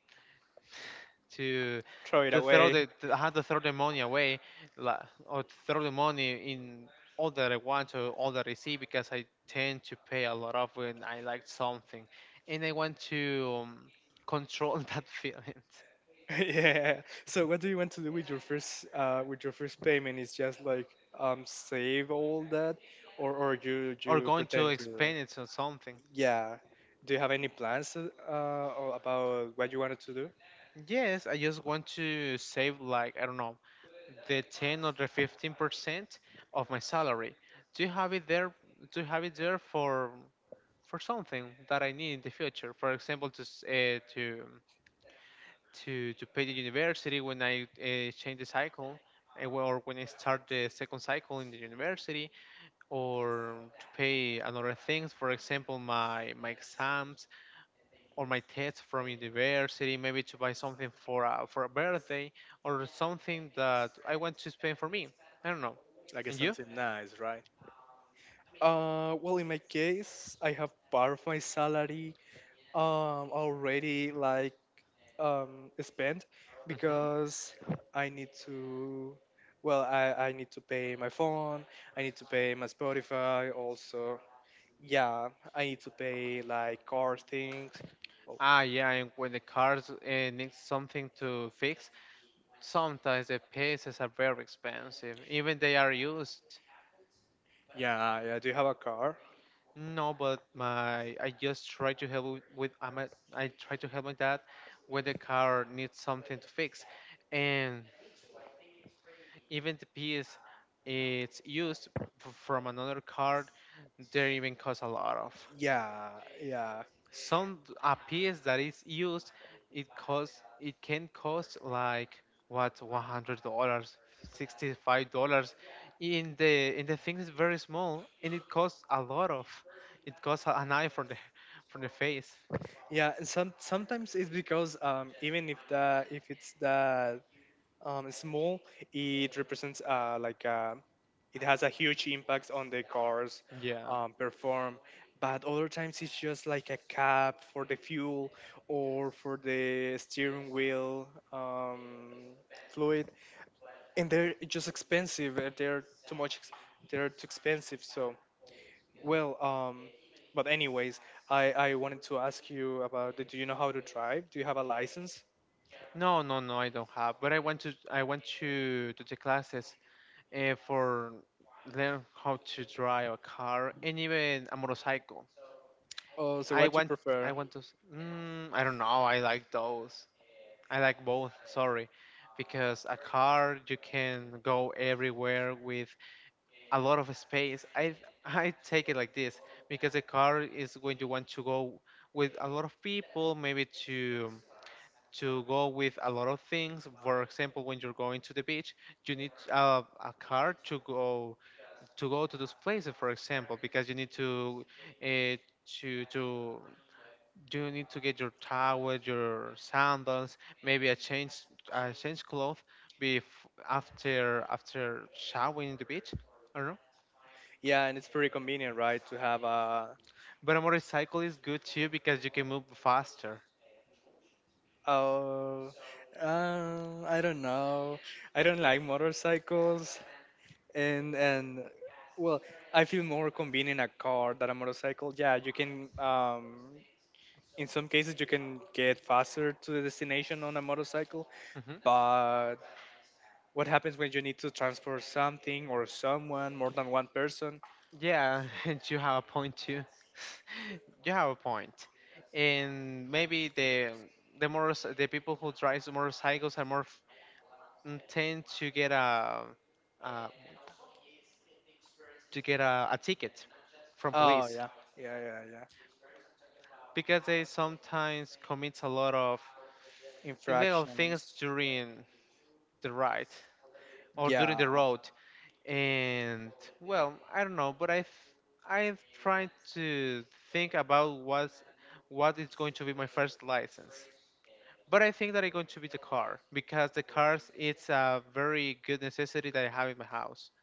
to
throw it away.
throw the to, I have to throw the money away, la or throw the money in all that I want or all that I see, because I tend to pay a lot of when I like something, and I want to control that feeling
yeah. So what do you want to do with your first payment? Is just like save all that, or
or
you
going
pretend
to
to?
expand it on something.
Yeah. Do you have any plans or about what you wanted to do?
Yes, I just want to save like I don't know the 10 or the 15% of my salary to have it there, to have it there for for something that I need in the future, for example to to pay the university when I change the cycle, or when I start the second cycle in the university, or to pay another things, for example my exams or my test from university, maybe to buy something for for a birthday, or something that I want to spend for me. I don't know.
Like it's
And you?
something nice, right? Well, in my case, I have part of my salary already like. Spent
Hmm.
because I need to. Well, I need to pay my phone. I need to pay my Spotify. Also, yeah, I need to pay like car things. Well,
Ah, yeah. And when the cars needs something to fix, sometimes the pieces are very expensive, even they are used.
yeah, yeah. Do you have a car?
No, but my I just try to help I try to help my dad when the car needs something to fix, and even the piece it's used from another card, they even cost a lot of.
Yeah, yeah,
Some a piece that is used, it can cost like what $100, $65. In the thing is very small and it costs a lot of. It costs an eye for the face.
yeah. And some sometimes it's because even if the if it's the small, it represents it has a huge impact on the car's
Yeah.
perform. But other times it's just like a cap for the fuel or for the steering wheel fluid, and they're just expensive. They're too expensive. So well, but anyways, I wanted to ask you about. Do you know how to drive? Do you have a license?
No, no, no, I don't have. But I went to the classes for learn how to drive a car and even a motorcycle.
Oh, so what
I
do you
want
prefer?
I want to. S- Mm, I don't know. I like those. I like both. Sorry, because a car you can go everywhere with a lot of space. I take it like this because a car is when you want to go with a lot of people, maybe to go with a lot of things. For example, when you're going to the beach, you need a car to go to those places, for example, because you need to uh, to to you need to get your towel, your sandals, maybe a change cloth bef- after after showering in the beach. I don't know.
Yeah, and it's pretty convenient, right, to have a.
But a motorcycle is good too because you can move faster.
Oh, I don't know. I don't like motorcycles, and well, I feel more convenient a car than a motorcycle. Yeah, you can. In some cases, you can get faster to the destination on a motorcycle,
Hmm.
but what happens when you need to transport something or someone more than one person?
Yeah, and you have a point too. You have a point, and maybe the more the people who drive motorcycles are more tend to get a uh, to get a ticket from
Oh
police
yeah, yeah, yeah, yeah.
because they sometimes commit a lot of illegal things
Infractions.
during the ride or during
Yeah.
the road. And well, I don't know, but I've tried to think about what is going to be my first license. But I think that it's going to be the car because the cars, it's a very good necessity that I have in my house.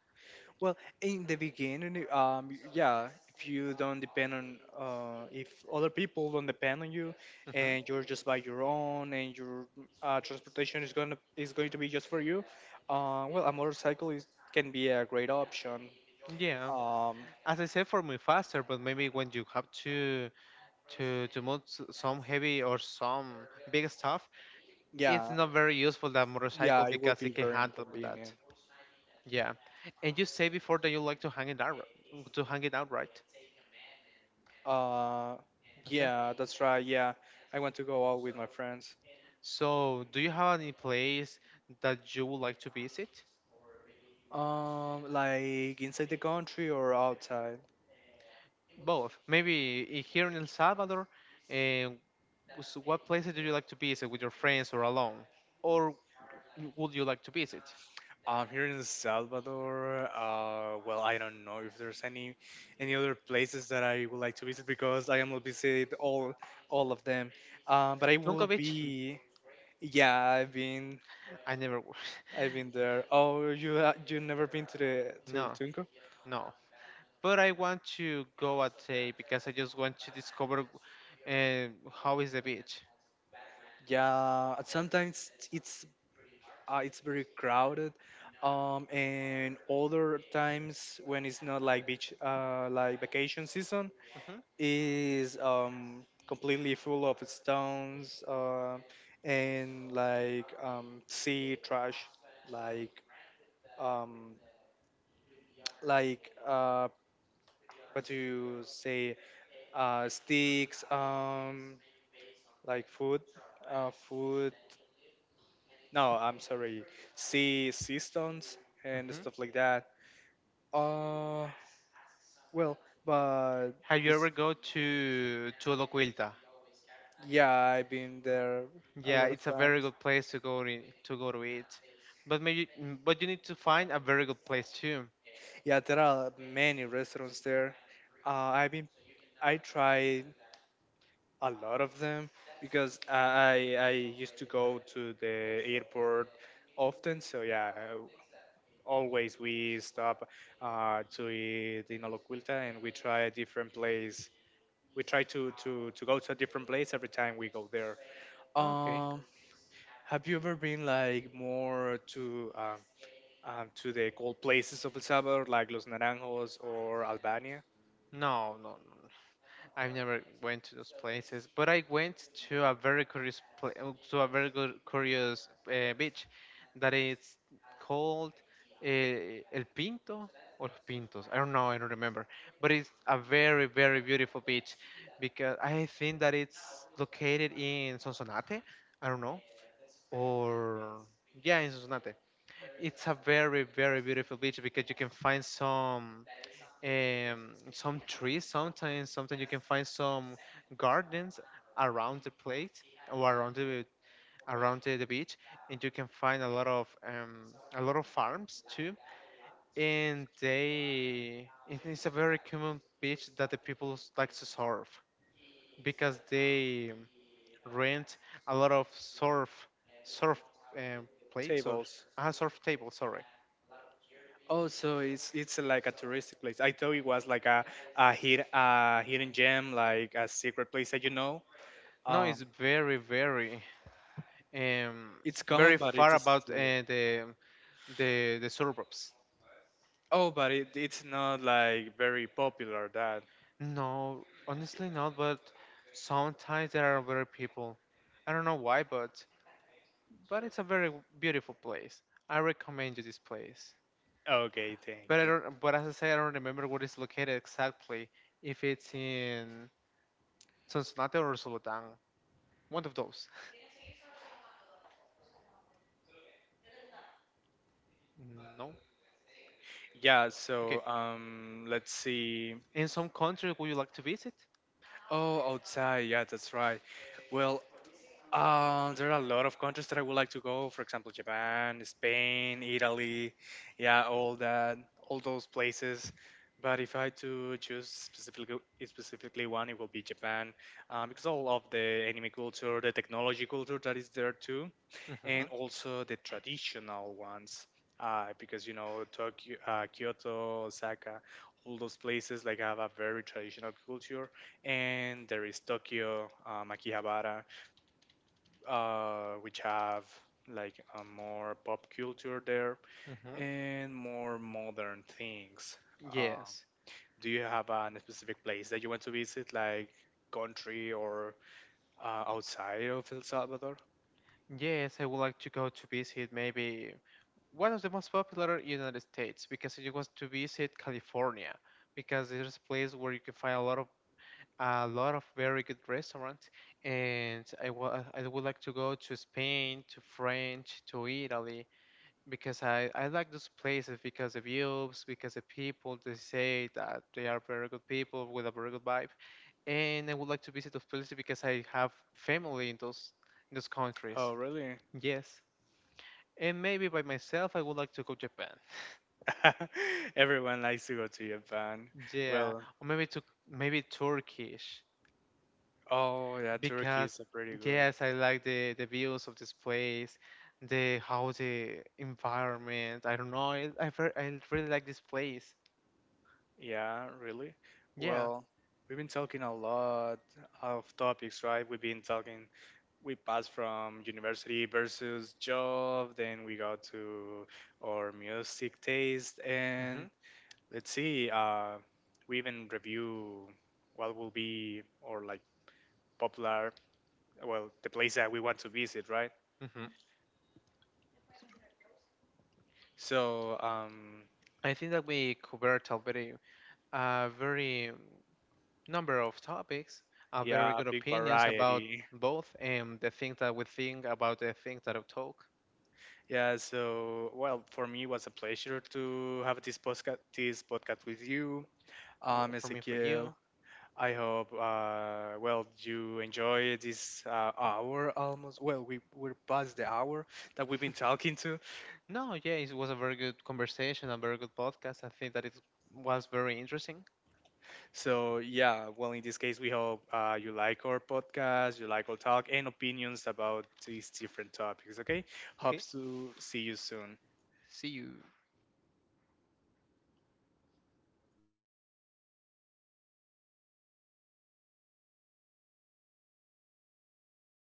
Well, in the beginning, y- yeah, if you don't depend on, if other people don't depend on you,
Hmm.
and you're just by your own, and your transportation is gonna is going to be just for you, well, a motorcycle is can be a great option.
Yeah,
Um,
as I said, for me faster, but maybe when you have to move some heavy or some big stuff, it's
yeah,
not very useful that
yeah,
motorcycle
it will
because
be
it can
very
handle with that.
inconvenient.
Yeah, and you say before that you like to hang it out to hang it out, right?
Uh,
That's it.
yeah, that's right. Yeah, I want to go out with my friends.
So, do you have any place that you would like to visit?
Like inside the country or outside?
Both, maybe here in El Salvador. And what places do you like to visit with your friends or alone, or would you like to visit?
Here in El Salvador, well, I don't know if there's any other places that I would like to visit because I am will visit all of them. But I
Tunco.
will be, yeah,
I never.
I've been there. Oh, you ha- you never been to the to El
No,
Tunco?
no. But I want to go at day because I just want to discover uh, how is the beach.
Yeah, sometimes it's very crowded. And other times when it's not like beach, like vacation season,
Hmm.
is completely full of stones and like sea trash like um like uh what do you say sticks like food, no, I'm sorry, sea stones and
Hmm.
stuff like that uh well, but
Have you ever go to Locuilta?
yeah, I've been there a
Yeah,
lot of
it's a very
times.
good place to go in, to go to eat. But maybe, but you need to find a very good place too.
Yeah, there are many restaurants there. Uh, I've been, I tried a lot of them because I used to go to the airport often. So yeah, always we stop to eat in Oloquilta and we try a different place. We try to go to a different place every time we go there.
Okay.
Um, have you ever been like more to the cold places of El Salvador, like Los Naranjos or Albania?
No, no, no. I've never went to those places, but I went to a very curious to a very good curious beach that is called El Pinto or Los Pintos. I don't know. I don't remember. But it's a very very beautiful beach because I think that it's located in Sonsonate. I don't know, or yeah, in Sonsonate. It's a very very beautiful beach because you can find some trees, sometimes you can find some gardens around the plate or around the the beach, and you can find a lot of farms too. And they, it is a very common beach that the people like to surf because they rent a lot of surf surf plates or
Tables.
surf tables, sorry.
Oh, so it's like a touristic place. I thought it was like a, hid, a hidden gem, like a secret place that you know.
No, it's
Um,
very very um
it's
very
common, but
far
it's
about
still.
the the suburbs.
Oh, but it's not like very popular. That
No, honestly not, but sometimes there are very people. I don't know why, but it's a very beautiful place. I recommend you this place.
okay, thank.
But I don't. But as I say, I don't remember where it's located exactly. If it's in Sonsonate or Solotán, one of those. No.
Yeah.
Okay.
So let's see.
In some country, would you like to visit?
Oh, outside. Yeah, that's right. Well, there are a lot of countries that I would like to go. For example, Japan, Spain, Italy, yeah, all that, all those places. But if I had to choose specifically one, it will be Japan, because all of the anime culture, the technology culture that is there too,
Hmm.
and also the traditional ones. Because you know Tokyo, Kyoto, Osaka, all those places like have a very traditional culture, and there is Tokyo, Akihabara, which have like a more pop culture there
Hmm.
and more modern things. Um,
Yes.
do you have an specific place that you want to visit, like country or outside of El Salvador?
Yes, I would like to go to visit maybe one of the most popular United States because I want to visit California because there's a place where you can find a lot of very good restaurants. And I would like to go to Spain, to French, to Italy because I like those places because the views, because the people, they say that they are very good people with a very good vibe. And I would like to visit those places because I have family in those countries.
Oh, really?
Yes, and maybe by myself I would like to go Japan.
Everyone likes to go to Japan.
Yeah,
Well,
or maybe to maybe Turkish
oh yeah, Turkey
because
is a pretty good.
yes, I like the views of this place, the how the environment. I don't know. I really like this place.
Yeah, really?
Yeah.
Well, we've been talking a lot of topics, right? We've been talking we pass from university versus job, then we go to our music taste,
Hmm.
and let's see we even review what will be or like popular, well, the place that we want to visit, right?
Hmm.
So
I think that we covered already a very number of topics, very
yeah, a
good
big
opinions about
variety.
both. And the things that we think about, the things that I talk.
Yeah, so well, for me it was a pleasure to have this podcast with you,
For me for
Ezequiel.
you.
I hope, well, you enjoy this hour almost. Well, we're past the hour that we've been talking to.
No, yeah, it was a very good conversation, a very good podcast. I think that it was very interesting.
So, yeah, well, in this case, we hope you like our podcast, you like our talk, and opinions about these different topics, okay?
Okay,
Hopes to see you soon.
see you.